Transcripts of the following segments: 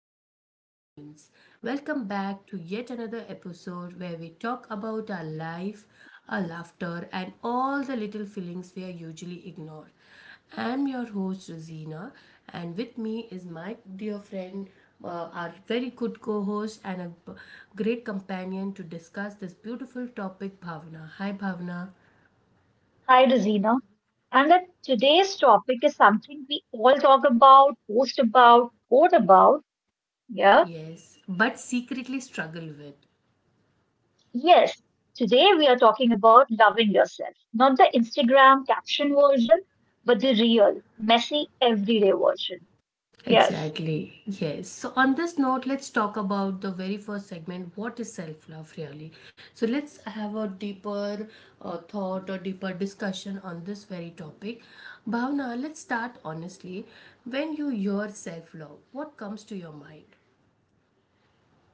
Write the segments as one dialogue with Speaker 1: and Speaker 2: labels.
Speaker 1: beautiful humans. Welcome back to yet another episode where we talk about our life, our laughter, and all the little feelings we are usually ignore. I'm your host, Rosina, and with me is my dear friend, our very good co host, and great companion to discuss this beautiful topic, Bhavna. Hi, Bhavna.
Speaker 2: Hi, Rosina. And that today's topic is something we all talk about, post about, quote about. Yeah.
Speaker 1: Yes, but secretly struggle with.
Speaker 2: Yes. Today we are talking about loving yourself, not the Instagram caption version, but the real, messy, everyday version. Yes.
Speaker 1: Exactly. Yes. So on this note, let's talk about the very first segment. What is self-love really? So let's have a deeper thought or deeper discussion on this very topic. Bhavna, let's start honestly. When you hear self-love, what comes to your mind?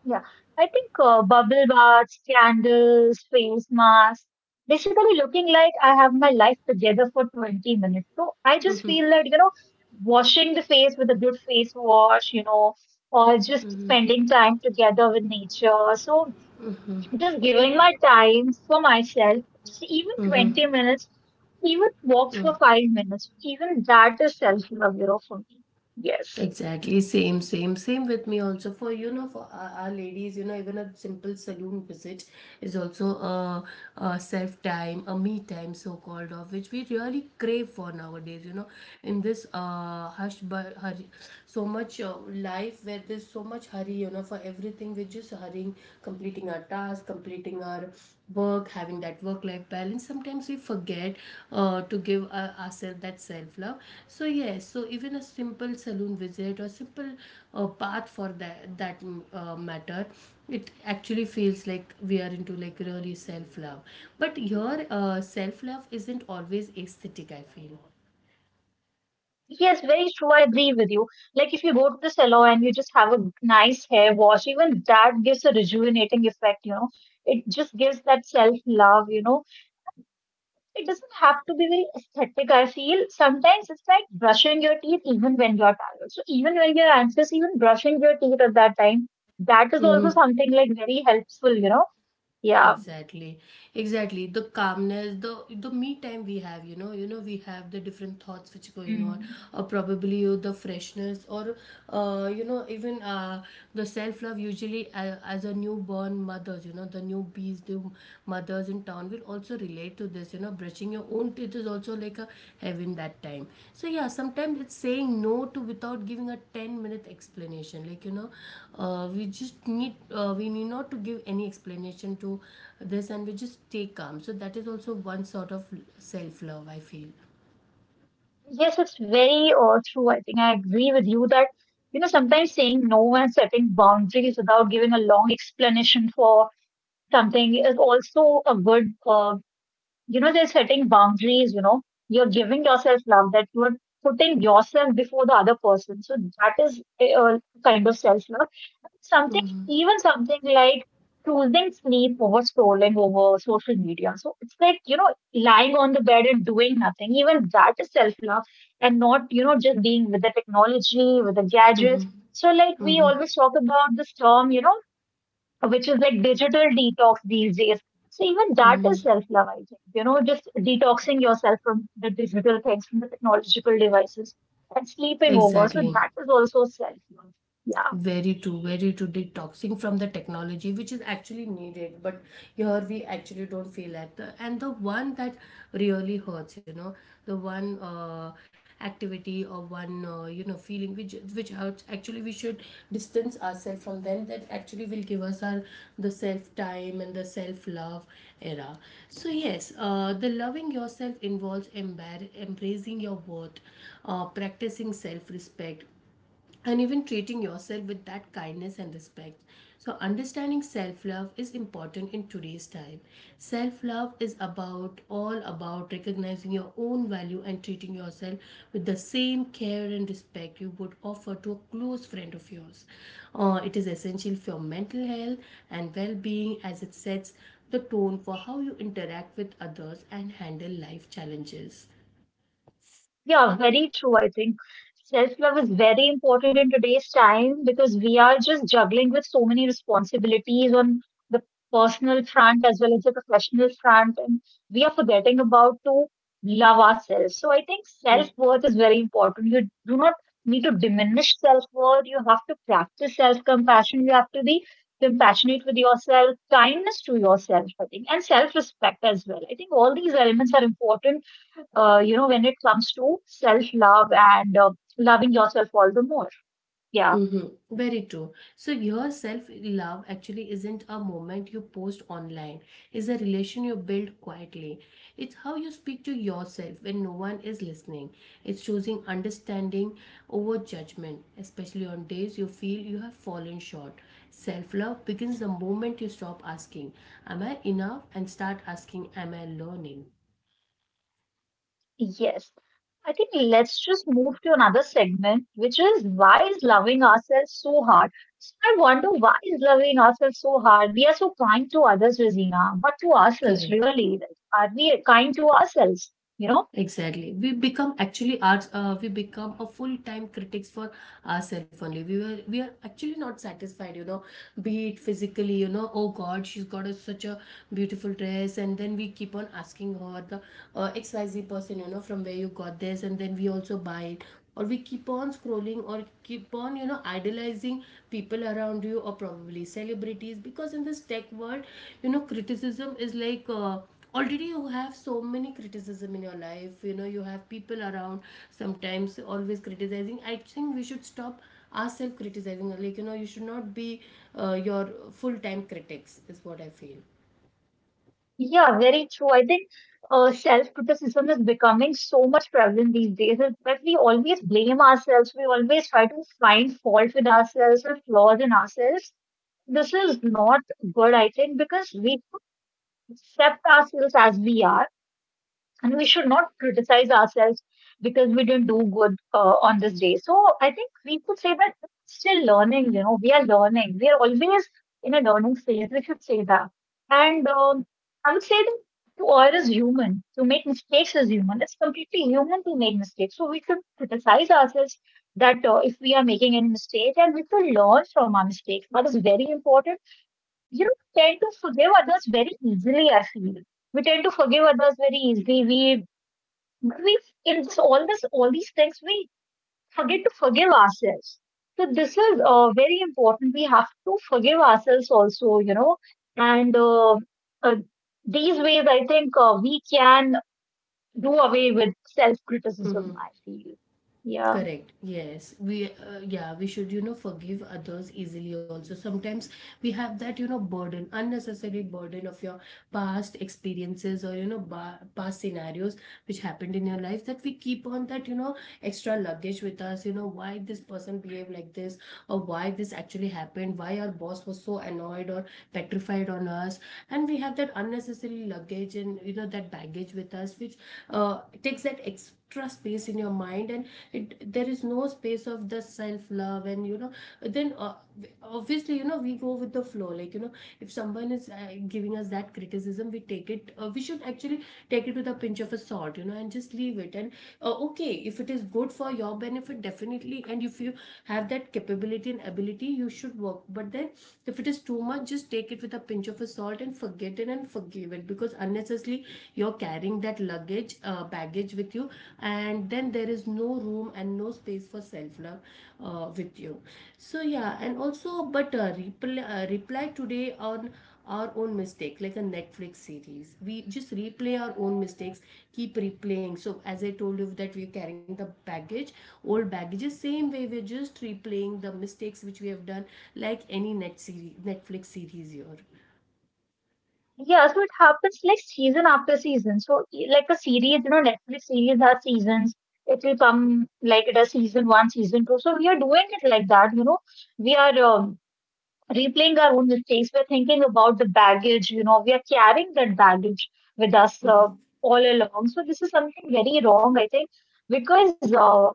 Speaker 2: Yeah, I think bubble baths, candles, face masks, basically looking like I have my life together for 20 minutes. So I just feel that, you know, washing the face with a good face wash, you know, or just spending time together with nature. So just giving my time for myself, so, even 20 minutes, even walk for 5 minutes, even that is self-love, you know, for me. Yes.
Speaker 1: Exactly, same, same, same with me also. For for our ladies, you know, even a simple saloon visit is also a self time, a me time, so called, of which we really crave for nowadays. You know, in this hush, but hurry, so much life where there's so much hurry. You know, for everything, we're just hurrying, completing our task, completing our work, having that work life balance. Sometimes we forget to give ourselves that self love. So yes, so even a simple saloon visit or simple bath for that matter, it actually feels like we are into like really self love. But your self love isn't always aesthetic, I feel.
Speaker 2: Yes, very true. I agree with you. Like if you go to the salon and you just have a nice hair wash, even that gives a rejuvenating effect, you know. It just gives that self-love, you know. It doesn't have to be very aesthetic, I feel. Sometimes it's like brushing your teeth even when you're tired. So even when you're anxious, even brushing your teeth at that time, that is also
Speaker 1: Mhm.
Speaker 2: something like very helpful, you know. Yeah.
Speaker 1: Exactly, exactly, the calmness, the me time we have. We have the different thoughts which going on,
Speaker 2: Mm.
Speaker 1: or probably you the freshness or you know even the self love usually, as a newborn mothers, you know, the newbies, the mothers in town will also relate to this. Brushing your own teeth is also like a heaven that time. So yeah, sometimes it's saying no to without giving a 10-minute explanation. We need not to give any explanation to this, and we just stay calm. So that is also one sort of self love, I feel.
Speaker 2: Yes, it's very true. I think I agree with you that, you know, sometimes saying no and setting boundaries without giving a long explanation for something is also a good, they're setting boundaries, you know, you're giving yourself love that you're putting yourself before the other person. So that is a kind of self love. Something, even something like choosing sleep over scrolling over social media. So it's like, you know, lying on the bed and doing nothing. Even that is self love and not, you know, just being with the technology, with the gadgets. So, like, we always talk about this term, you know, which is like digital detox these days. So even that is
Speaker 1: Mhm.
Speaker 2: self-love, I think. You know, just detoxing yourself from the digital things, from the technological devices, and sleeping over. So
Speaker 1: Exactly.
Speaker 2: that is also self-love. Yeah.
Speaker 1: Very true, very true. Detoxing from the technology, which is actually needed, but here we actually don't feel that. And the one that really hurts, you know, the one activity or one feeling which hurts. Actually, we should distance ourselves from them. That actually will give us our the self time and the self love era. So yes, the loving yourself involves embracing your worth, practicing self respect, and even treating yourself with that kindness and respect. So, understanding self love is important in today's time. Self love is about all about recognizing your own value and treating yourself with the same care and respect you would offer to a close friend of yours. It is essential for your mental health and well being, as it sets the tone for how you interact with others and handle life challenges.
Speaker 2: Yeah, very true. I think self love is very important in today's time because we are just juggling with so many responsibilities on the personal front as well as the professional front, and we are forgetting about to love ourselves. So I think self worth is very important. You do not need to diminish self worth. You have to practice self compassion. You have to be compassionate with yourself, kindness to yourself, I think, and self respect as well. I think all these elements are important, you know, when it comes to self love and loving yourself all the more. Yeah,
Speaker 1: Mm-hmm. Very true. So your self-love actually isn't a moment you post online. It's a relation you build quietly. It's how you speak to yourself when no one is listening. It's choosing understanding over judgment, especially on days you feel you have fallen short. Self-love begins the moment you stop asking, "Am I enough?" and start asking, "Am I learning?"
Speaker 2: yes. I think let's just move to another segment, which is why is loving ourselves so hard? So I wonder why is loving ourselves so hard? We are so kind to others, Rosina, but to ourselves,
Speaker 1: Correct.
Speaker 2: really, like, are we kind to ourselves? You know?
Speaker 1: Exactly. We become actually arts. We become a full-time critics for ourselves only. We are actually not satisfied, you know. Be it physically, you know. Oh God, she's got such a beautiful dress, and then we keep on asking her the XYZ person, you know, from where you got this, and then we also buy it. Or we keep on scrolling or keep on, you know, idolizing people around you or probably celebrities, because in this tech world, you know, criticism is like, already you have so many criticism in your life. You know, you have people around sometimes always criticizing. I think we should stop ourselves criticizing, like, you know, you should not be your full time critics is what I feel.
Speaker 2: Yeah, very true. I think self-criticism is becoming so much prevalent these days is that we always blame ourselves. We always try to find fault with ourselves or flaws in ourselves. This is not good, I think, because we should accept ourselves as we are and we should not criticize ourselves because we didn't do good on this day. So I think we could say that it's still learning, you know, we are learning. We are always in a learning phase. We should say that. And I would say that to err is human. To make mistakes is human. It's completely human to make mistakes. So we should criticize ourselves that if we are making any mistake and we should learn from our mistakes. That is very important. You know, tend to forgive others very easily, I feel. We tend to forgive others very easily. We but we in this all these things we forget to forgive ourselves. So this is very important. We have to forgive ourselves also, you know. And uh, uh, these ways, I think uh, we can do away with self
Speaker 1: Mm-hmm.
Speaker 2: criticism. I feel, yeah,
Speaker 1: Correct. Yes. We, yeah, we should, you know, forgive others easily also. Sometimes we have that, you know, burden, unnecessary burden of your past experiences, or, you know, past scenarios which happened in your life, that we keep on that, you know, extra luggage with us. You know, why this person behaved like this or why this actually happened, why our boss was so annoyed or petrified on us, and we have that unnecessary luggage, and you know, that baggage with us, which takes that extra space in your mind. And it, there is no space of the self love, and you know, then obviously, you know, we go with the flow. Like, you know, if someone is giving us that criticism, we should actually take it with a pinch of a salt, you know, and just leave it. And okay, if it is good for your benefit, definitely, and if you have that capability and ability, you should work. But then if it is too much, just take it with a pinch of a salt and forget it and forgive it, because unnecessarily you're carrying that luggage, baggage with you, and then there is no room and no space for self love with you. So yeah, and also, but reply today on our own mistake, like a Netflix series. We just replay our own mistakes, keep replaying. So as I told you that we're carrying the baggage, old baggages, same way we're just replaying the mistakes which we have done, like any net series, Netflix series here.
Speaker 2: yeah. So it happens like season after season. Like a series, you know, Netflix series has seasons. It will come like it has season one, season two. So we are doing it like that, you know, we are replaying our own mistakes. We're thinking about the baggage, you know, we are carrying that baggage with us
Speaker 1: Mhm.
Speaker 2: all along. So, this is something very wrong, I think, because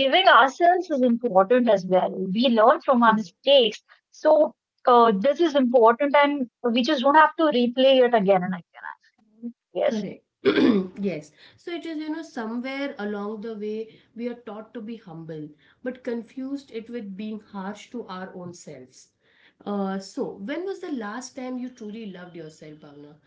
Speaker 2: forgiving ourselves is important as well. We learn from our mistakes. So, this is important, and we just don't have to replay it again and again. Yes.
Speaker 1: Correct. Yes. So it is, you know, somewhere along the way we are taught to be humble, but confused it with being harsh to our own selves. So, when was the last time you truly loved yourself, Bhavna?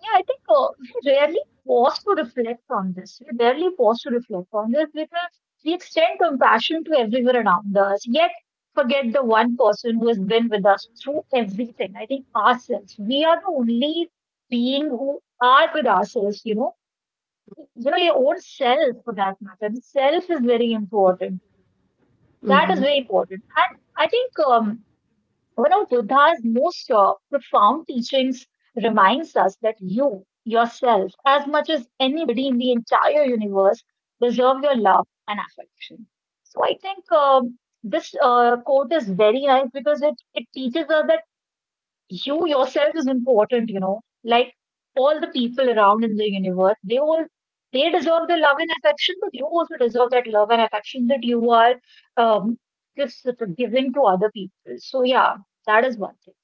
Speaker 2: Yeah, I think we rarely pause to reflect on this. We rarely pause to reflect on this because we extend compassion to everyone around us, yet forget the one person who has been with us through everything. I think ourselves. We are the only being who are with ourselves, you know. You know, your own self for that matter. The self is very important. That is very important. And I think one of Buddha's most profound teachings reminds us that you yourself, as much as anybody in the entire universe, deserve your love and affection. So I think this quote is very nice because it teaches us that you yourself is important, you know, like all the people around in the universe, they all they deserve the love and affection, but you also deserve that love and affection that you are um, just sort of giving to other people. So yeah, that is one thing.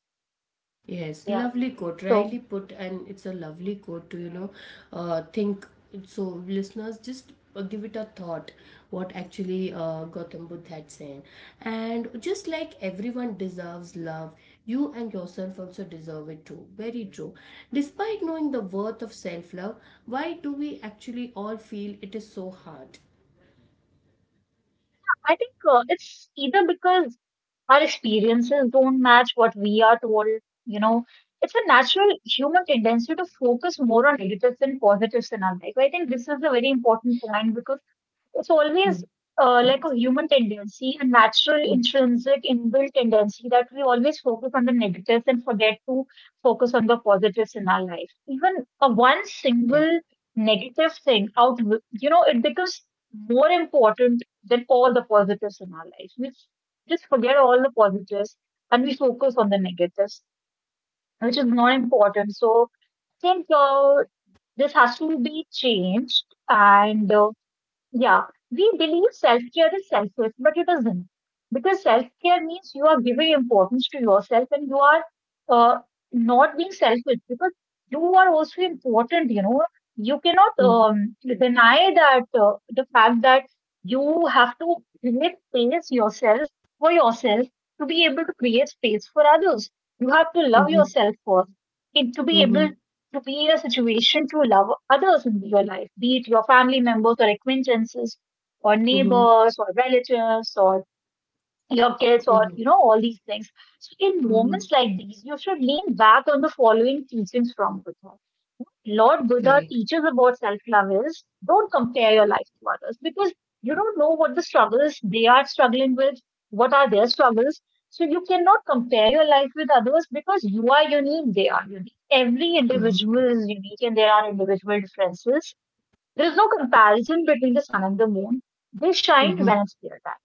Speaker 1: Yes,
Speaker 2: Yeah.
Speaker 1: lovely quote, rightly
Speaker 2: So
Speaker 1: put, and it's a lovely quote to, you know, think. So, listeners, just give it a thought what actually Gautam Buddha had said. And just like everyone deserves love, you and yourself also deserve it too. Very true. Despite knowing the worth of self love, why do we actually all feel it is so hard?
Speaker 2: I think it's either because our experiences don't match what we are told, you know, it's a natural human tendency to focus more on negatives than positives in our life. I think this is a very important point because it's always like a human tendency, a natural, intrinsic, inbuilt tendency that we always focus on the negatives and forget to focus on the positives in our life. Even a one
Speaker 1: Correct.
Speaker 2: single negative thing out, you know, it becomes more important than all the positives in our life. We just forget all the positives and we focus on the negatives, which is not important. So I think this has to be changed and yeah, we believe self-care is selfish, but it isn't. Because self-care means you are giving importance to yourself and you are uh, not being selfish because you are also important, you know. You cannot
Speaker 1: Mm,
Speaker 2: deny that the fact that you have to create space yourself for yourself to be able to create space for others. You have to love
Speaker 1: mhm,
Speaker 2: yourself first and to be able
Speaker 1: mhm,
Speaker 2: to be in a situation to love others in your life, be it your family members or acquaintances or
Speaker 1: mhm,
Speaker 2: neighbors or relatives or your kids or
Speaker 1: mhm,
Speaker 2: you know all these things, so in
Speaker 1: mhm.
Speaker 2: moments like these you should lean back on the following teachings from Buddha. Lord Buddha
Speaker 1: Correct.
Speaker 2: teaches about self-love is don't compare your life to others because you don't know what the struggles they are struggling with, what are their struggles. So you cannot compare your life with others because you are unique, they are unique, every
Speaker 1: Mhm,
Speaker 2: individual is unique and there are individual differences. There is no comparison between the sun and the moon, they shine when
Speaker 1: mhm,
Speaker 2: it's their time.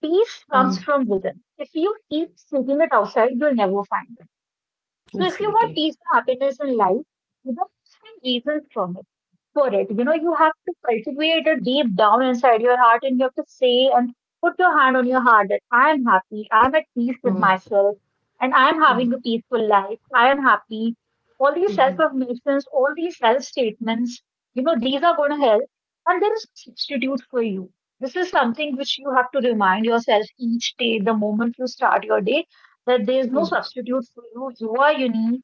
Speaker 2: Peace
Speaker 1: mhm.
Speaker 2: comes from within. If you keep seeking it outside, you'll never find it. So if you want
Speaker 1: Exactly.
Speaker 2: peace and happiness in life, you don't find reasons from it for it. You know, you have to cultivate it deep down inside your heart and you have to say and put your hand on your heart that I am happy, I am at peace with
Speaker 1: 嗯
Speaker 2: myself, and I am having a
Speaker 1: 嗯
Speaker 2: peaceful life, I am happy. All these
Speaker 1: 嗯嗯
Speaker 2: self-affirmations, all these self-statements, you know, these are gonna help. And there is no substitute for you. This is something which you have to remind yourself each day, the moment you start your day that there is no
Speaker 1: 嗯
Speaker 2: substitute for you. You are unique,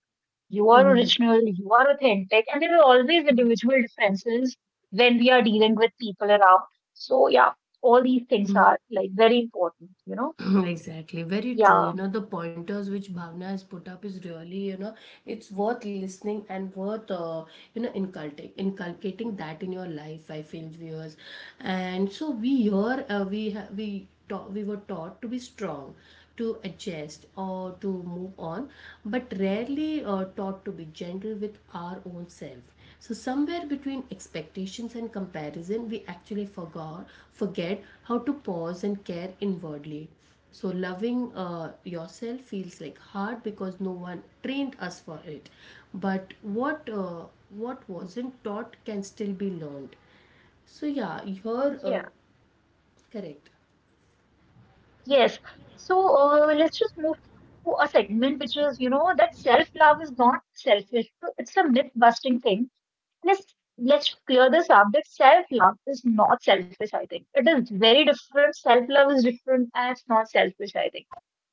Speaker 2: you are
Speaker 1: 嗯
Speaker 2: original, you are authentic, and there are always
Speaker 1: 嗯
Speaker 2: individual differences when we are dealing with people around. So yeah, all these things
Speaker 1: 嗯。
Speaker 2: are like very important, you know?
Speaker 1: Exactly, very true. You
Speaker 2: Yeah.
Speaker 1: know, the pointers which Bhavna has put up is really, you know, it's worth listening and worth, you know, inculcating that in your life, I feel, viewers. And so we here, we taught, we were taught to be strong, to adjust or to move on, but rarely taught to be gentle with our own self. So somewhere between expectations and comparison, we actually forget how to pause and care inwardly. So loving yourself feels like hard because no one trained us for it. But what wasn't taught can still be learned. So yeah, you're
Speaker 2: Yeah.
Speaker 1: correct.
Speaker 2: Yes. So let's just move to a segment which is, you know, that self-love is not selfish. So it's a myth-busting thing. Let's let's clear this up that self-love is not selfish, I think. It is very different. Self-love is different and it's not selfish, I think.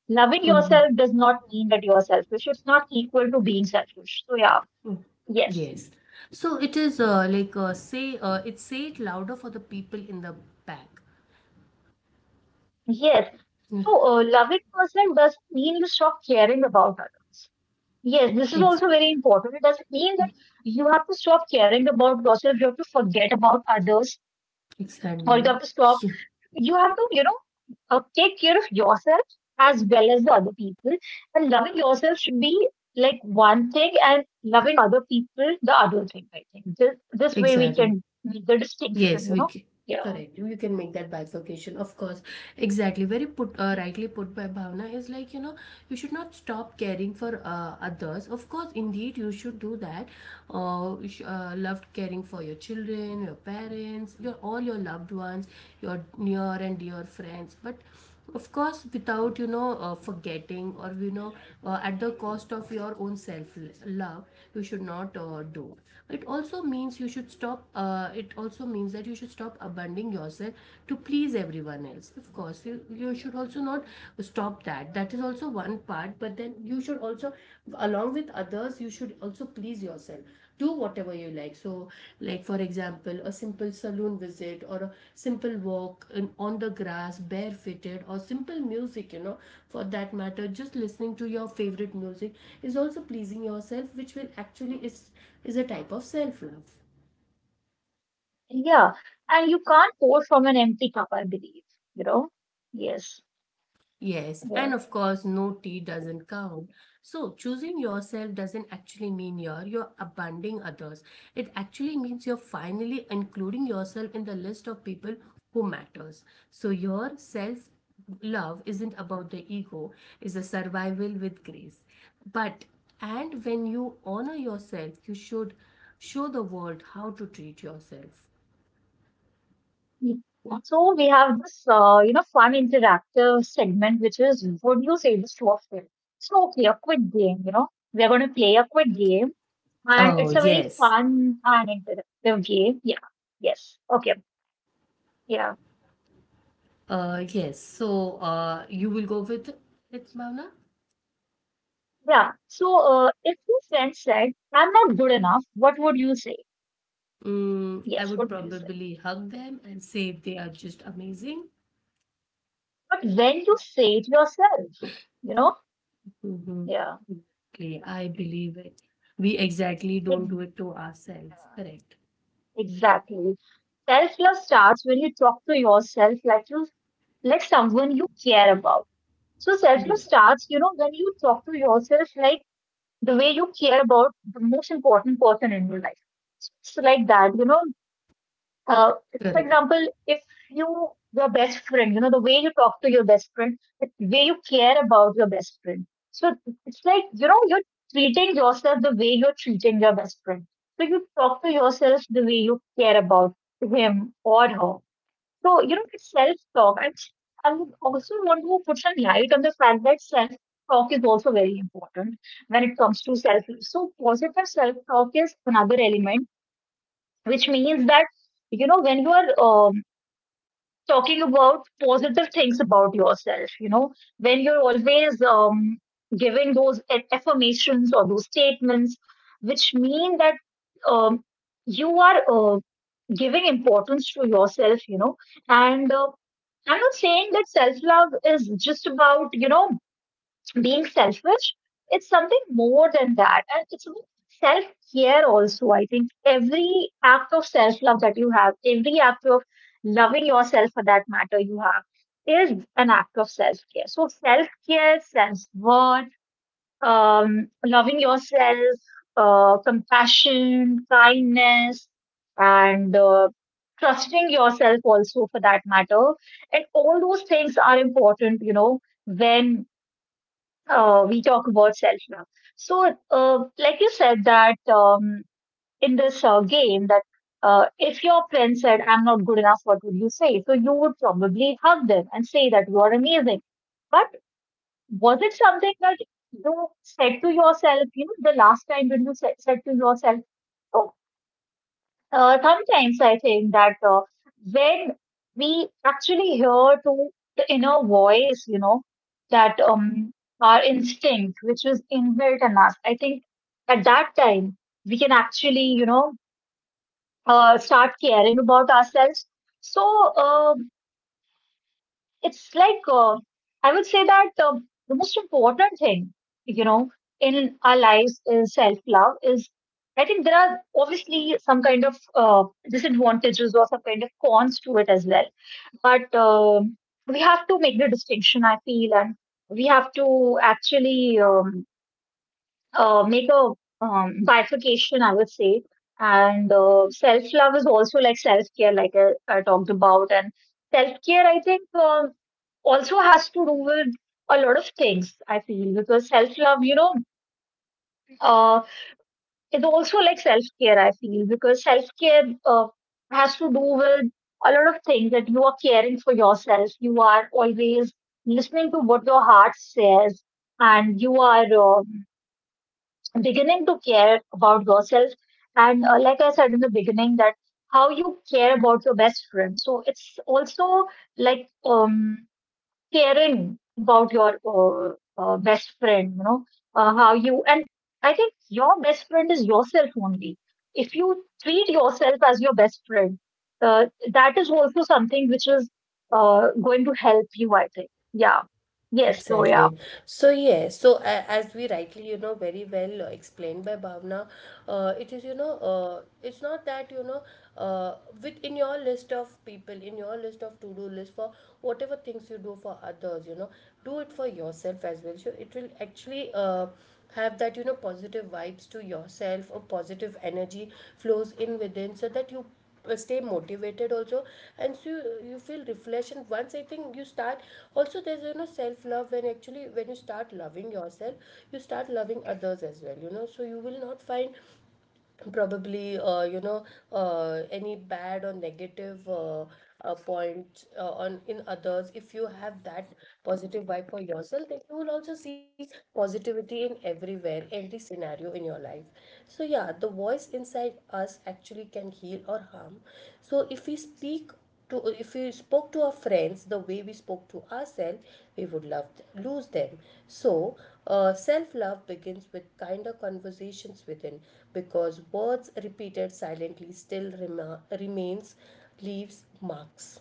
Speaker 2: Loving yourself does not mean that you're selfish. It's not equal to being selfish. So yeah, yes.
Speaker 1: Yes. So it is like say it say it louder for the people in the back.
Speaker 2: Yes.
Speaker 1: Yeah,
Speaker 2: So loving yourself doesn't mean you stop caring about others. Yes, this is
Speaker 1: ex
Speaker 2: also very important. It doesn't mean that you have to stop caring about yourself. You have to forget about others or you
Speaker 1: exactly.
Speaker 2: have to stop
Speaker 1: Yeah,
Speaker 2: you have to, take care of yourself as well as the other people. And loving yourself should be like one thing, and loving other people the other thing. I think this way we
Speaker 1: exactly.
Speaker 2: can make the distinction.
Speaker 1: Yes, we can.
Speaker 2: Yeah,
Speaker 1: Correct. You can make that bifurcation, of course. Exactly. Very put, rightly put by Bhavna is like, you know, you should not stop caring for others. Of course, indeed, you should do that. Loved caring for your children, your parents, your all your loved ones, your near and dear friends. But of course, without you know, forgetting or you know, at the cost of your own self love, you should not do. It also means you should stop. It also means that you should stop abandoning yourself to please everyone else. Of course, you should also not stop that. That is also one part. But then you should also, along with others, you should also please yourself, do whatever you like. So, like, for example, a simple saloon visit or a simple walk in, on the grass barefooted, or simple music, you know, for that matter, just listening to your favorite music is also pleasing yourself, which will actually is a type of self love.
Speaker 2: yeah. And you can't pour from an empty cup. I believe. You know, yes,
Speaker 1: Yes,
Speaker 2: yeah.
Speaker 1: and of course, no tea doesn't count. So, choosing yourself doesn't actually mean you're abandoning others. It actually means you're finally including yourself in the list of people who matters. So, your self love isn't about the ego, it's a survival with grace. But, and when you honor yourself, you should show the world how to treat yourself.
Speaker 2: Mm. So we have this, fun interactive segment, which is would you say this to a friend? It's no clear, quick game. We're going to play a quick game. And
Speaker 1: Oh,
Speaker 2: it's a very
Speaker 1: yes.
Speaker 2: fun and interactive game. Yeah. Yes. Okay. Yeah.
Speaker 1: Yes. So, you will go with it, Bhavna?
Speaker 2: Yeah. So if your friend said, I'm not good enough, what would you say?
Speaker 1: Mm, I
Speaker 2: Yes.
Speaker 1: would
Speaker 2: What would you say?
Speaker 1: probably hug them and say they are just amazing.
Speaker 2: But when you say it yourself, you know?
Speaker 1: Hmm.
Speaker 2: Yeah.
Speaker 1: Okay, I believe it. We exactly don't do
Speaker 2: Ex-
Speaker 1: it to ourselves. Correct.
Speaker 2: Exactly. Self-love starts when you talk to yourself like you like someone you care about. So
Speaker 1: Right.
Speaker 2: self-love starts, when you talk to yourself like the way you care about the most important person in your life. So like that, uh, for
Speaker 1: Correct.
Speaker 2: example, if you your best friend, the way you talk to your best friend, the way you care about your best friend. So it's like, you're treating yourself the way you're treating your best friend. So you talk to yourself the way you care about him or her. So, it's self-talk. And I would also want to put some light on the fact that self-talk is also very important when it comes to self. So positive self-talk is another element which means that when you are talking about positive things about yourself, when you're always giving those affirmations or those statements which mean that um, you are giving importance to yourself, and I'm not saying that self love is just about being selfish, it's something more than that. And it's about self care also. I think every act of self love that you have, every act of loving yourself for that matter you have, is an act of self care. So, self care, self worth, loving yourself, compassion, kindness, and trusting yourself also for that matter. And all those things are important, when we talk about self love. So, like you said, that in this game, that if your friend said, I'm not good enough, what would you say? So, you would probably hug them and say that you are amazing. But was it something that you said to yourself, the last time when you said to yourself, sometimes I think that when we actually hear to the inner voice, that our instinct, which was inbuilt in us, I think at that time we can actually, start caring about ourselves. So, uh, it's like I would say that the most important thing, you know, in our lives is self love. Is I think there are obviously some kind of disadvantages or some kind of cons to it as well. But we have to make the distinction, I feel, and we have to actually make a bifurcation, I would say. And self love is also like self care, like I talked about, and self care, I think. Also has to do with a lot of things, I feel, because self love, uh, is also like self care, I feel, because self care has to do with a lot of things that you are caring for yourself, you are always listening to what your heart says, and you are beginning to care about yourself. And like I said in the beginning, that how you care about your best friend. So it's also like caring about your best friend, how you, and I think your best friend is yourself only. If you treat yourself as your best friend, uh, that is also something which is going to help you, I think. Yeah. Yes. So, yeah.
Speaker 1: Exactly. So as we rightly, very well explained by Bhavna, it is, it's not that, uh, with in your list of people, in your list of to-do list for whatever things you do for others, do it for yourself as well. So it will actually have that, positive vibes to yourself, or positive energy flows in within so that you stay motivated also and so you feel refreshed. And once I think you start, also there's, self love when actually when you start loving yourself you start loving others as well, so you will not find probably any bad or negative points on in others. If you have that positive vibe for yourself, then you will also see positivity in everywhere, every scenario in your life. So yeah, the voice inside us actually can heal or harm. So if we spoke to our friends the way we spoke to ourselves, we would love lose them. So self-love begins with kinder conversations within, because words repeated silently still remains, leaves marks.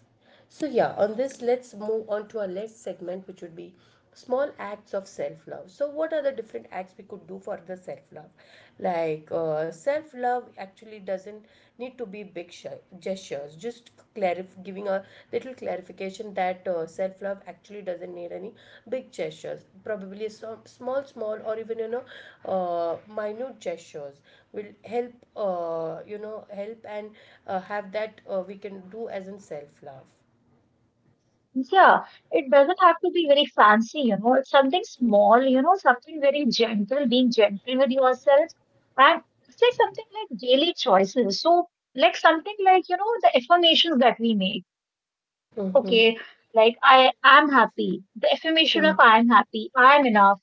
Speaker 1: So, yeah, on this, let's move on to our next segment, which would be small acts of self love. So, what are the different acts we could do for the self love? Like, self love actually doesn't need to be gestures, just giving a little clarification that self love actually doesn't need any big gestures. Probably some small or even, minute gestures will help, help and have that, we can do as in self love.
Speaker 2: Yeah, it doesn't have to be very fancy, you know. It's something small, you know, something very gentle, being gentle with yourself. And it's like something like daily choices. So, like something like, the affirmations that we make. Okay, like I am happy. The affirmation of I am happy, I am enough,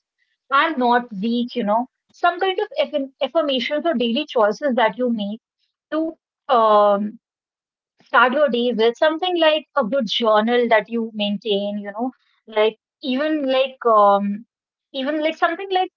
Speaker 2: I'm not weak, you know. Some kind of affirmations or daily choices that you make to um start your day with something like a good journal that you maintain, like even like um even like something like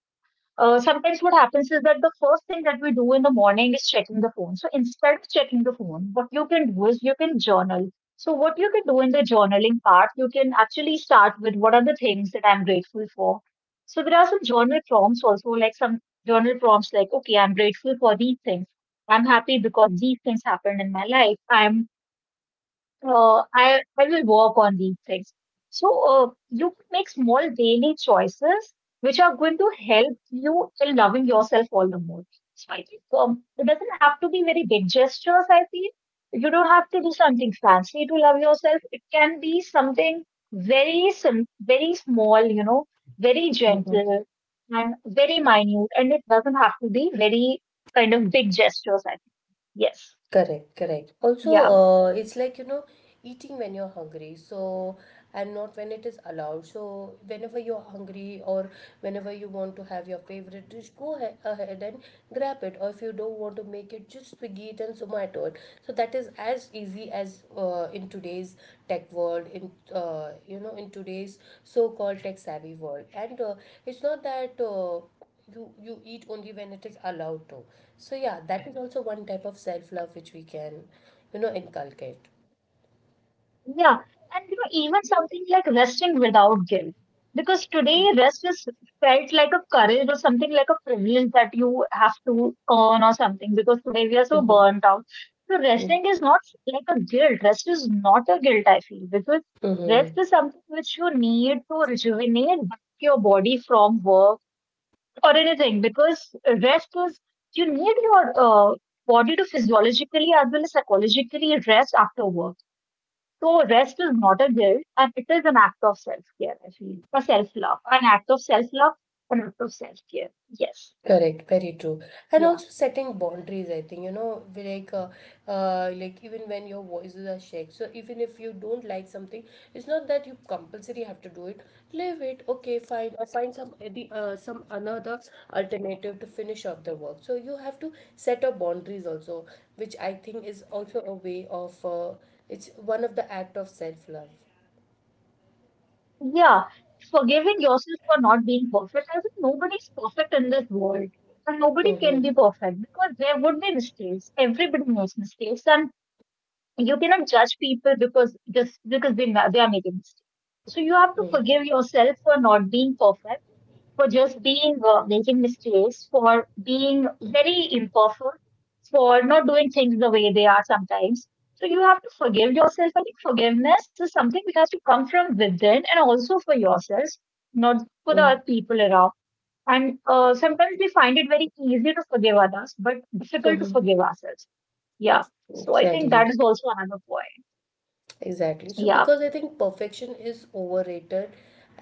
Speaker 2: sometimes what happens is that the first thing that we do in the morning is checking the phone, so instead of checking the phone what you can do is you can journal. So what you can do in the journaling part, you can actually start with what are the things that I'm grateful for. So there are some journal prompts also, like some journal prompts like, okay, I'm grateful for these things, I'm happy because these things happened in my life. I'm I will work on these things. So, you can make small daily choices which are going to help you in loving yourself all the more. So, I think it doesn't have to be very big gestures, I feel. You don't have to do something fancy to love yourself. It can be something very small, you know, very gentle and very minute. And it doesn't have to be very kind of big gestures, I think. Yes.
Speaker 1: Correct, correct. Also,
Speaker 2: Yeah.
Speaker 1: it's like, you know, eating when you're hungry, so, and not when it is allowed. So, whenever you're hungry or whenever you want to have your favorite dish, go ahead and grab it. Or if you don't want to make it, just Swiggy it and Zomato it. So, that is as easy as in today's tech world, in, in today's so-called tech savvy world. And it's not that. You eat only when it is allowed to. So yeah, that is also one type of self love which we can, inculcate.
Speaker 2: Yeah, and you know, even something like resting without guilt. Because today, rest is felt like a courage or something like a privilege that you have to earn or something. Because today we are so burnt out. So,
Speaker 1: Mm-hmm.
Speaker 2: resting is not like a guilt. Rest is not a guilt, I feel. Because rest is something which you need to rejuvenate back your body from work or anything. Because rest is, you need your body to physiologically as well as psychologically rest after work. So rest is not a guilt, and it is an act of self-care, I feel. A self-love. An act of self-love, an act of self-care. Yes.
Speaker 1: Correct, very true. And
Speaker 2: Yeah.
Speaker 1: also setting boundaries, I think, you know, like even when your voices are shared. So even if you don't like something, it's not that you compulsory have to do it. Leave it, okay, fine, or find some another alternative to finish off the work. So you have to set up boundaries also, which I think is also a way of, it's one of the act of self love.
Speaker 2: Yeah. Forgiving yourself for not being perfect. I think nobody's perfect in this world. And nobody
Speaker 1: Mm-hmm,
Speaker 2: can be perfect because there would be mistakes. Everybody makes mistakes. And you cannot judge people because just because they are making mistakes. So you have to forgive yourself for not being perfect, for just being making mistakes, for being very imperfect, for not doing things the way they are sometimes. So you have to forgive yourself. I think forgiveness is something which has to come from within and also for yourself, not for the
Speaker 1: mm-hmm,
Speaker 2: other people around. And sometimes we find it very easy to forgive others, but difficult to
Speaker 1: mm-hmm.
Speaker 2: forgive ourselves. Yeah. So I think that
Speaker 1: Sadly.
Speaker 2: is also another point.
Speaker 1: Exactly. So,
Speaker 2: Yeah.
Speaker 1: because I think perfection is overrated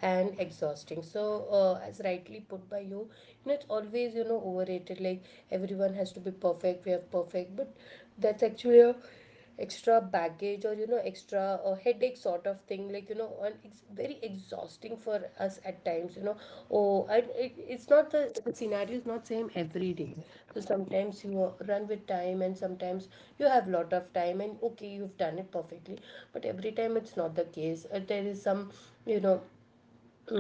Speaker 1: and exhausting. So, as rightly put by you, you know, it's always, you know, overrated. Like everyone has to be perfect, we have perfect, but that's actually a extra baggage or, you know, extra headache sort of thing. Like tiring, like you know, and it's very exhausting for us at times, you know. Oh, and it's not the scenario is not same every day. So sometimes you run with time, and sometimes you have lot of time and okay, you've done it perfectly, but every time it's not the case. There is some, you know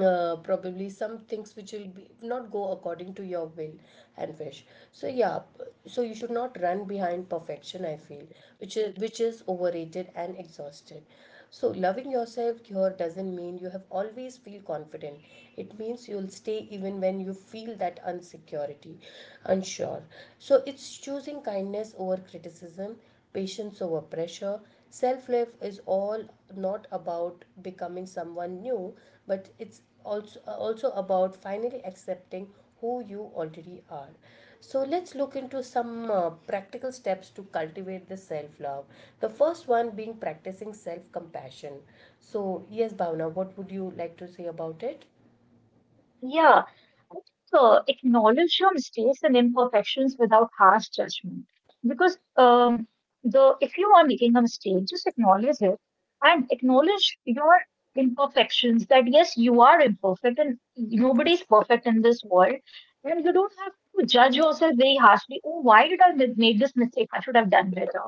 Speaker 1: probably some things which will be not go according to your will and wish. So yeah, so you should not run behind perfection, I feel, which is overrated and exhausted. So loving yourself here doesn't mean you have always feel confident. It means you'll stay even when you feel that insecurity, unsure. So it's choosing kindness over criticism, patience over pressure. Self love is all not about becoming someone new, but it's also, also about finally accepting who you already are. So let's look into some practical steps to cultivate this self love. The first one being practicing self compassion. So yes, Bhavna, what would you like to say about it?
Speaker 2: Yeah. So acknowledge your mistakes and imperfections without harsh judgment. Because the if you are making a mistake, just acknowledge it and acknowledge your imperfections. That yes, you are imperfect, and nobody's perfect in this world. And you don't have to judge yourself very harshly. Oh, why did I make this mistake? I should have done better.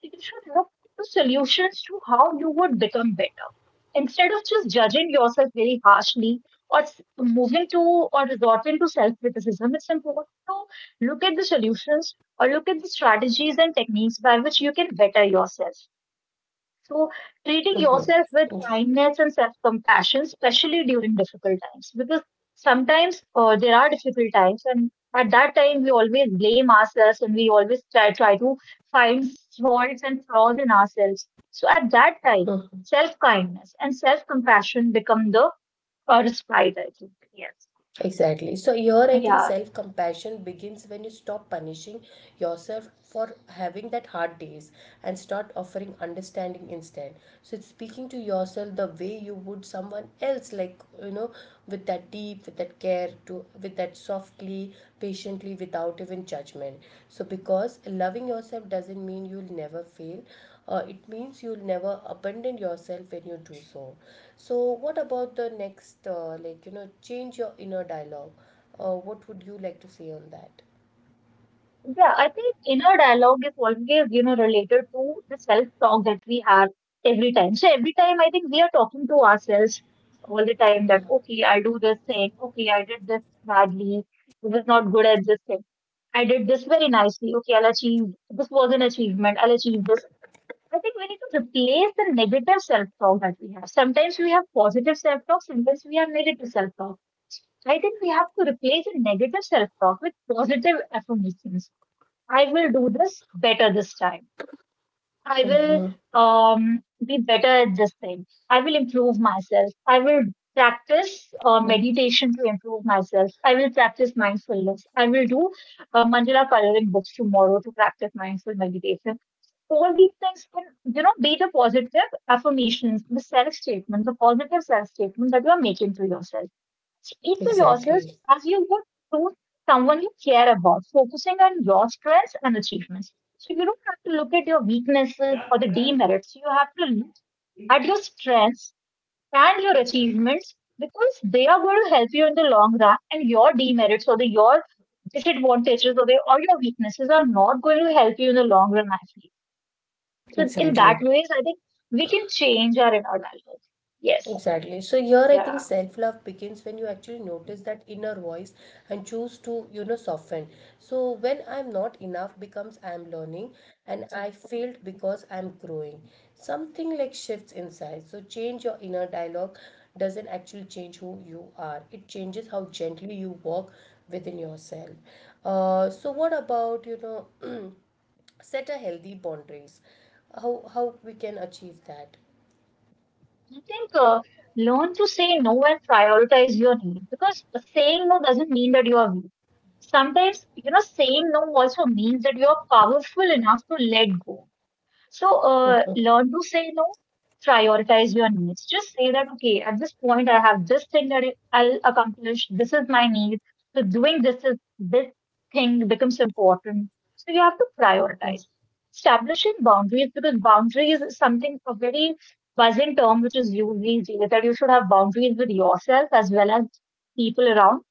Speaker 2: You should look to solutions to how you would become better instead of just judging yourself very harshly or moving to or resorting to self criticism. It's important to look at the solutions or look at the strategies and techniques by which you can better yourself. So, treating yourself with
Speaker 1: Yeah.
Speaker 2: kindness and self compassion, especially during difficult times, because sometimes there are difficult times, and at that time, we always blame ourselves and we always try to find faults and flaws in ourselves. So, at that time, self kindness and self compassion become the or Sprite, I think. Yes.
Speaker 1: Exactly. So here I think
Speaker 2: Yeah.
Speaker 1: self-compassion begins when you stop punishing yourself for having that hard days, and start offering understanding instead. So it's speaking to yourself the way you would someone else, like, you know, with that deep, with that care, to with that softly, patiently, without even judgment. So because loving yourself doesn't mean you'll never fail, it means you'll never abandon yourself when you do so. So what about the next, like, you know, change your inner dialogue, what would you like to say on that?
Speaker 2: Yeah, I think inner dialogue is always, you know, related to the self-talk that we have every time. So every time I think we are talking to ourselves all the time that, okay, I do this thing, okay, I did this badly, I was not good at this thing. I did this very nicely, okay, I'll achieve this was an achievement, I'll achieve this. I think we need to replace the negative self-talk that we have. Sometimes we have positive self-talk, sometimes we have negative self-talk. I think we have to replace a negative self talk with positive affirmations. I will do this better this time. I will
Speaker 1: Mm-hmm.
Speaker 2: um, be better at this thing. I will improve myself. I will practice meditation to improve myself. I will practice mindfulness. I will do mandala coloring books tomorrow to practice mindful meditation. All these things can, be the positive affirmations, the self statement, the positive self statement that you are making to yourself. Speak to yourself
Speaker 1: Exactly.
Speaker 2: as you would to someone you care about, focusing on your strengths and achievements. So you don't have to look at your weaknesses or the demerits. You have to look at your strengths and your achievements because they are going to help you in the long run, and your demerits or the your disadvantages or, your weaknesses are not going to help you in the long run actually. So in that
Speaker 1: Exactly.
Speaker 2: ways, I think we can change our inner dialogue. Yes.
Speaker 1: Exactly. So here I think
Speaker 2: Yeah.
Speaker 1: self-love begins when you actually notice that inner voice and choose to, you know, soften. So when I'm not enough becomes I'm learning, and I failed because I'm growing. Something like shifts inside. So change your inner dialogue doesn't actually change who you are. It changes how gently you walk within yourself. So what about, you know, set a healthy boundaries? How we can achieve that?
Speaker 2: I think learn to say no and prioritize your need, because saying no doesn't mean that you are weak. Sometimes, you know, saying no also means that you are powerful enough to let go. So learn to say no, prioritize your needs. Just say that, okay, at this point, I have this thing that I'll accomplish. This is my need. So doing this is this thing becomes important. So you have to prioritize. Establishing boundaries, because boundaries is something a very buzzing term which is used these days, that you should have boundaries with yourself as well as people around.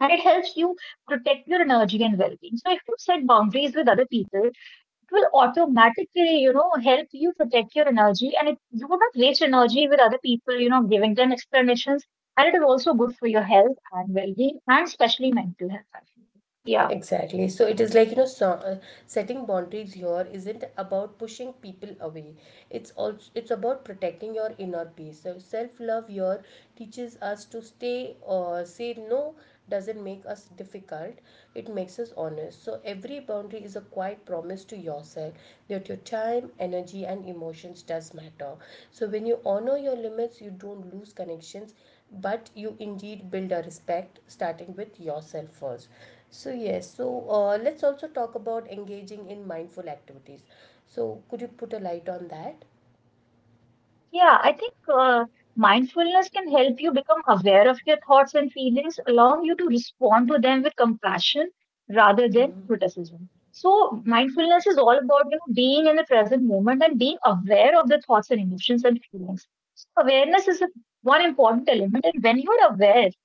Speaker 2: And it helps you protect your energy and well-being. So if you set boundaries with other people, it will automatically, you know, help you protect your energy, and it, you will not waste energy with other people, you know, giving them explanations. And it is also good for your health and well being, and especially mental health, I feel. Yeah.
Speaker 1: Exactly. So it is like, you know, setting boundaries here isn't about pushing people away. It's about protecting your inner peace. So self-love here teaches us to stay or say no doesn't make us difficult. It makes us honest. So every boundary is a quiet promise to yourself that your time, energy and emotions does matter. So when you honor your limits, you don't lose connections, but you indeed build a respect starting with yourself first. So yes, so let's also talk about engaging in mindful activities. So could you put a light on that?
Speaker 2: Yeah, I think mindfulness can help you become aware of your thoughts and feelings, allowing you to respond to them with compassion rather than criticism. So, mindfulness is all about, you know, being in the present moment and being aware of the thoughts and emotions and feelings. So awareness is one important element, and when you're aware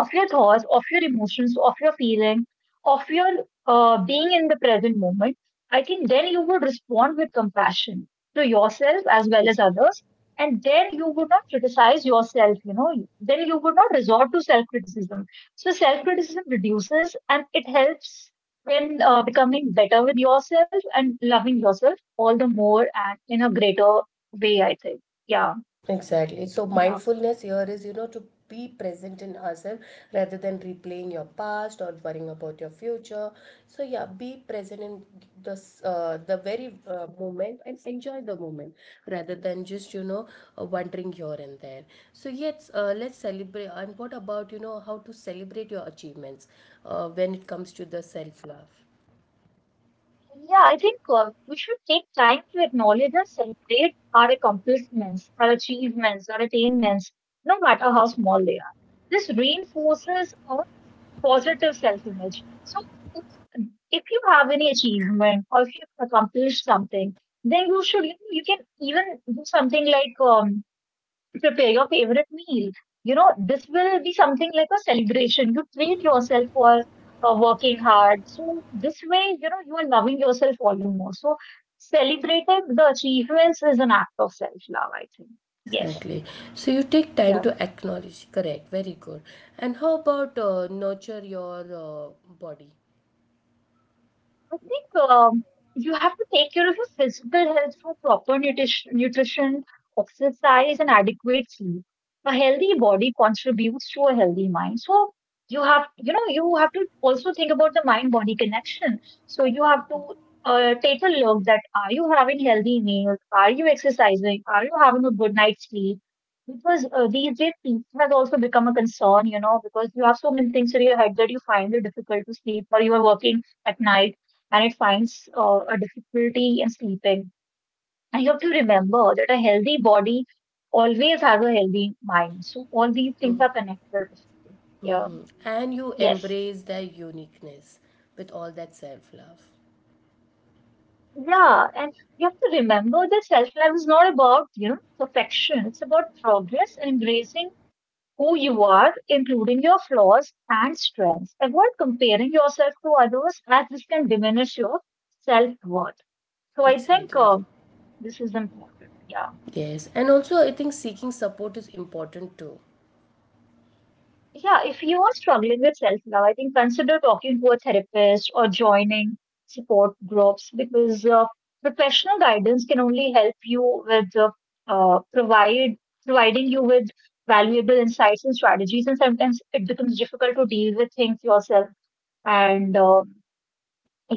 Speaker 2: of your thoughts, of your emotions, of your feeling, of your being in the present moment, I think then you would respond with compassion to yourself as
Speaker 1: Yes.
Speaker 2: well as others. And then you would not criticize yourself, you know, then you would not resort to self criticism. So self criticism reduces, and it helps in becoming better with yourself and loving yourself all the more and in a greater way, I think. Yeah.
Speaker 1: Exactly. So
Speaker 2: Yeah.
Speaker 1: mindfulness here is, you know, to be present in ourselves rather than replaying your past or worrying about your future. So yeah, be present in the very moment and enjoy the moment rather than just, wandering here and there. So yes, let's celebrate. And what about, you know, how to celebrate your achievements when it comes to the self love?
Speaker 2: Yeah, I think we should take time to acknowledge and celebrate our accomplishments, our achievements, our attainments, no matter how small they are. This reinforces a positive self-image. So if if you have any achievement or if you accomplished something, then you should, you know, you can even do something like prepare your favorite meal. You know, this will be something like a celebration. You treat yourself for working hard. So, this way, you know, you are loving yourself all the more. So, celebrating the achievements is an act of self love, I think. Yes.
Speaker 1: Exactly. So you take time
Speaker 2: Yeah.
Speaker 1: to acknowledge. Correct. Very good. And how about nurture your body
Speaker 2: I think you have to take care of your physical health through proper nutrition, exercise, and adequate sleep. A healthy body contributes to a healthy mind. So you have, you know, you have to also think about the mind-body connection. So you have to take a look that, are you having healthy meals? Are you exercising? Are you having a good night's sleep? Because these days sleep has also become a concern, you know, because you have so many things in your head that you find it difficult to sleep, or you are working at night and it finds a difficulty in sleeping. And you have to remember that a healthy body always has a healthy mind. So all these things are connected. Yeah.
Speaker 1: and you
Speaker 2: Yes.
Speaker 1: embrace their uniqueness with all that self love.
Speaker 2: Yeah. And you have to remember that self-love is not about, you know, perfection. It's about progress and embracing who you are, including your flaws and strengths. Avoid comparing yourself to others, as this can diminish your self-worth. So I think
Speaker 1: Exactly.
Speaker 2: this is important. Yeah.
Speaker 1: Yes. And also, I think seeking support is important too.
Speaker 2: Yeah, if you are struggling with self-love, I think consider talking to a therapist or joining support groups, because professional guidance can only help you with provide providing you with valuable insights and strategies. And sometimes it becomes difficult to deal with things yourself, and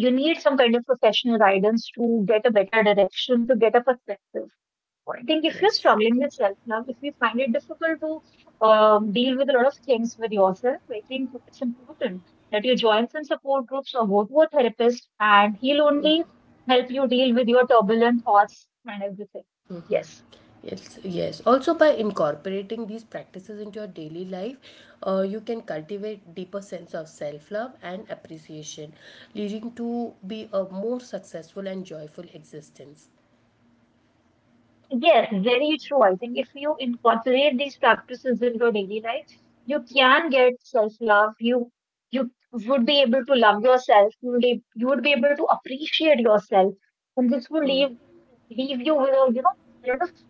Speaker 2: you need some kind of professional guidance to get a better direction, to get a perspective. I think if you're
Speaker 1: Yes.
Speaker 2: struggling with self love, if you find it difficult to deal with a lot of things with yourself, I think it's important that you join some support groups or go to a therapist, and he'll only help you deal with your turbulent thoughts and everything. Yes.
Speaker 1: Yes, yes. Also, by incorporating these practices into your daily life, you can cultivate deeper sense of self-love and appreciation, leading to be a more successful and joyful existence.
Speaker 2: Yes, very true. I think if you incorporate these practices in your daily life, you can get self-love. You would be able to love yourself. You would be able to appreciate yourself, and this will leave you with a, you know, a lot of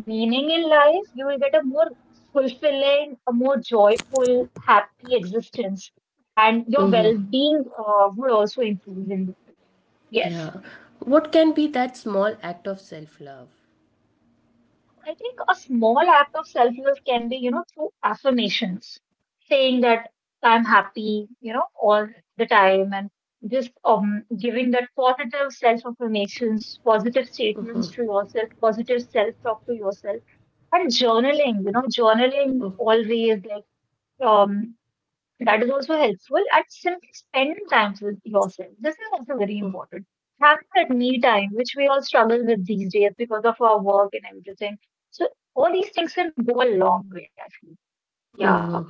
Speaker 2: meaning in life. You will get a more fulfilling, a more joyful, happy existence, and your well-being would also improve. In yes.
Speaker 1: Yeah. What can be that small act of self-love?
Speaker 2: I think a small act of self love can be, you know, through affirmations, saying that I'm happy, you know, all the time, and just giving that positive self affirmations, positive statements to yourself, positive self talk to yourself, and journaling, you know, journaling always like. Um, that is also helpful, and simply spending time with yourself. This is also very important. Having that me time, which we all struggle with these days because of our work and everything. So all these things can go a long way, I feel. Yeah.
Speaker 1: Hmm.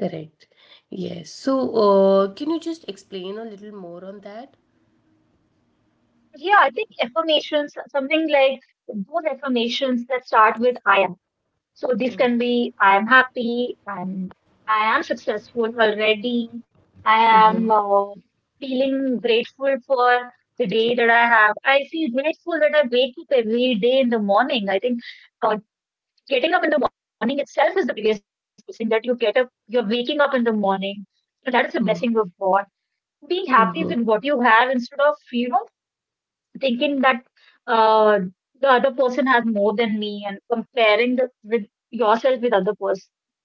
Speaker 1: Correct. Yes. So, can you just explain a little more on that?
Speaker 2: Yeah, I think affirmations, something like those affirmations that start with I am. So this can be I am happy, I am successful already, I am feeling grateful for the day that I have. I feel grateful that I wake up every day in the morning. I think uh, getting up in the morning itself is the biggest blessing, that you get up, you're waking up in the morning. So that is a blessing of God, being happy
Speaker 1: Mm-hmm.
Speaker 2: with what you have instead of, you know, thinking that uh, the other person has more than me and comparing with yourself with other person,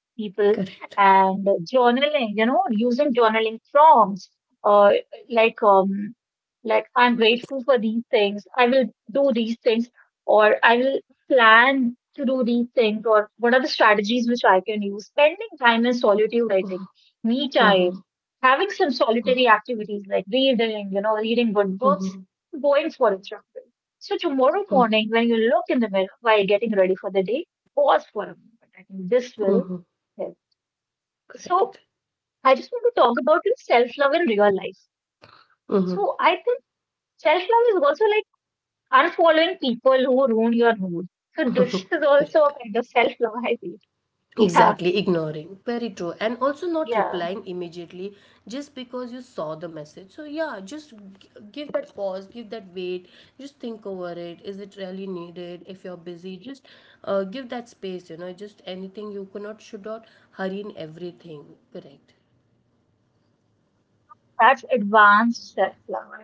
Speaker 2: people,
Speaker 1: Correct.
Speaker 2: and journaling, you know, using journaling prompts uh, like um, like I'm grateful for these things. I will do these things, or I will plan to do these things, or what are the strategies which I can use? Spending time in solitude, I think, me
Speaker 1: Mm-hmm.
Speaker 2: time, having some solitary activities like reading, you know, reading good books.
Speaker 1: Mm-hmm.
Speaker 2: Going, for example. So tomorrow morning, when you look in the mirror while getting ready for the day, pause for a moment. I think this will
Speaker 1: Mm-hmm.
Speaker 2: help. So
Speaker 1: Correct.
Speaker 2: I just want to talk about self-love in real life.
Speaker 1: Mm-hmm.
Speaker 2: So I think self-love is also like unfollowing people who ruin your mood. So this is also a
Speaker 1: Correct.
Speaker 2: kind of self-love, I feel. Yeah,
Speaker 1: Exactly, ignoring. Very true. And also not
Speaker 2: yeah.
Speaker 1: replying immediately just because you saw the message. So, yeah, just give that pause, give that wait, just think over it. Is it really needed? If you're busy, just give that space, you know, just anything you cannot, should not hurry in everything. Correct.
Speaker 2: That's advanced self-love,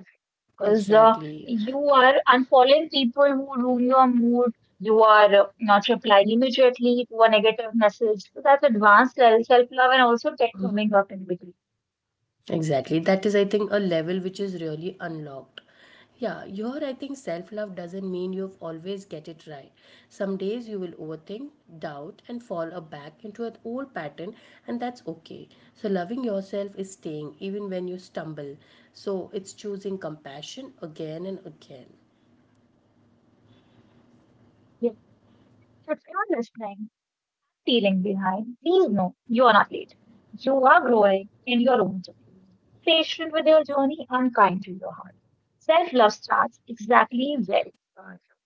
Speaker 2: because
Speaker 1: Exactly.
Speaker 2: you are unfollowing people who ruin your mood. You are not replying immediately to a negative message. So that's advanced self love, and also tech coming up in between.
Speaker 1: Exactly. That is, I think, a level which is really unlocked. Yeah, your, I think, self love doesn't mean you've always get it right. Some days you will overthink, doubt, and fall back into an old pattern, and that's okay. So, loving yourself is staying even when you stumble. So, it's choosing compassion again and again.
Speaker 2: Yes. So if you're listening, feeling behind, please know you are not late. You are growing in your own journey. Be patient with your journey and kind to your heart. Self love starts exactly where it starts.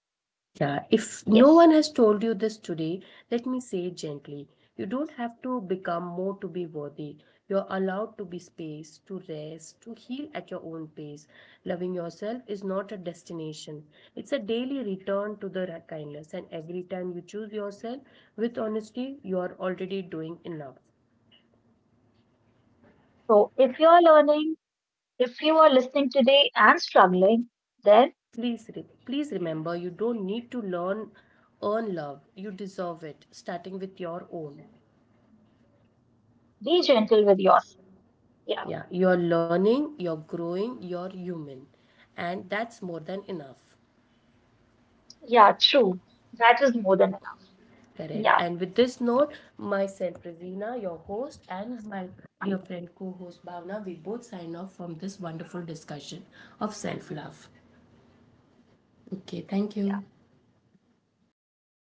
Speaker 1: Yeah, if no one
Speaker 2: Yes.
Speaker 1: has told you this today, let me say it gently. You don't have to become more to be worthy. You're allowed to be space, to rest, to heal at your own pace. Loving yourself is not a destination, it's a daily return to the kindness. And every time you choose yourself with honesty, you are already doing enough.
Speaker 2: So if you are learning, if you are listening today and struggling, then
Speaker 1: Please, please remember you don't need to earn love. You deserve it, starting with your own.
Speaker 2: be gentle with yourself. Yeah,
Speaker 1: Yeah, you're learning, you're growing, you're human. And that's more than enough.
Speaker 2: yeah, true. That is more than enough.
Speaker 1: Correct.
Speaker 2: Yeah,
Speaker 1: And with this note, myself, Ravina, your host, and my dear friend co host, Bhavna, we both sign off from this wonderful discussion of self love. Okay, thank
Speaker 2: yeah.
Speaker 1: you.
Speaker 2: Thank you.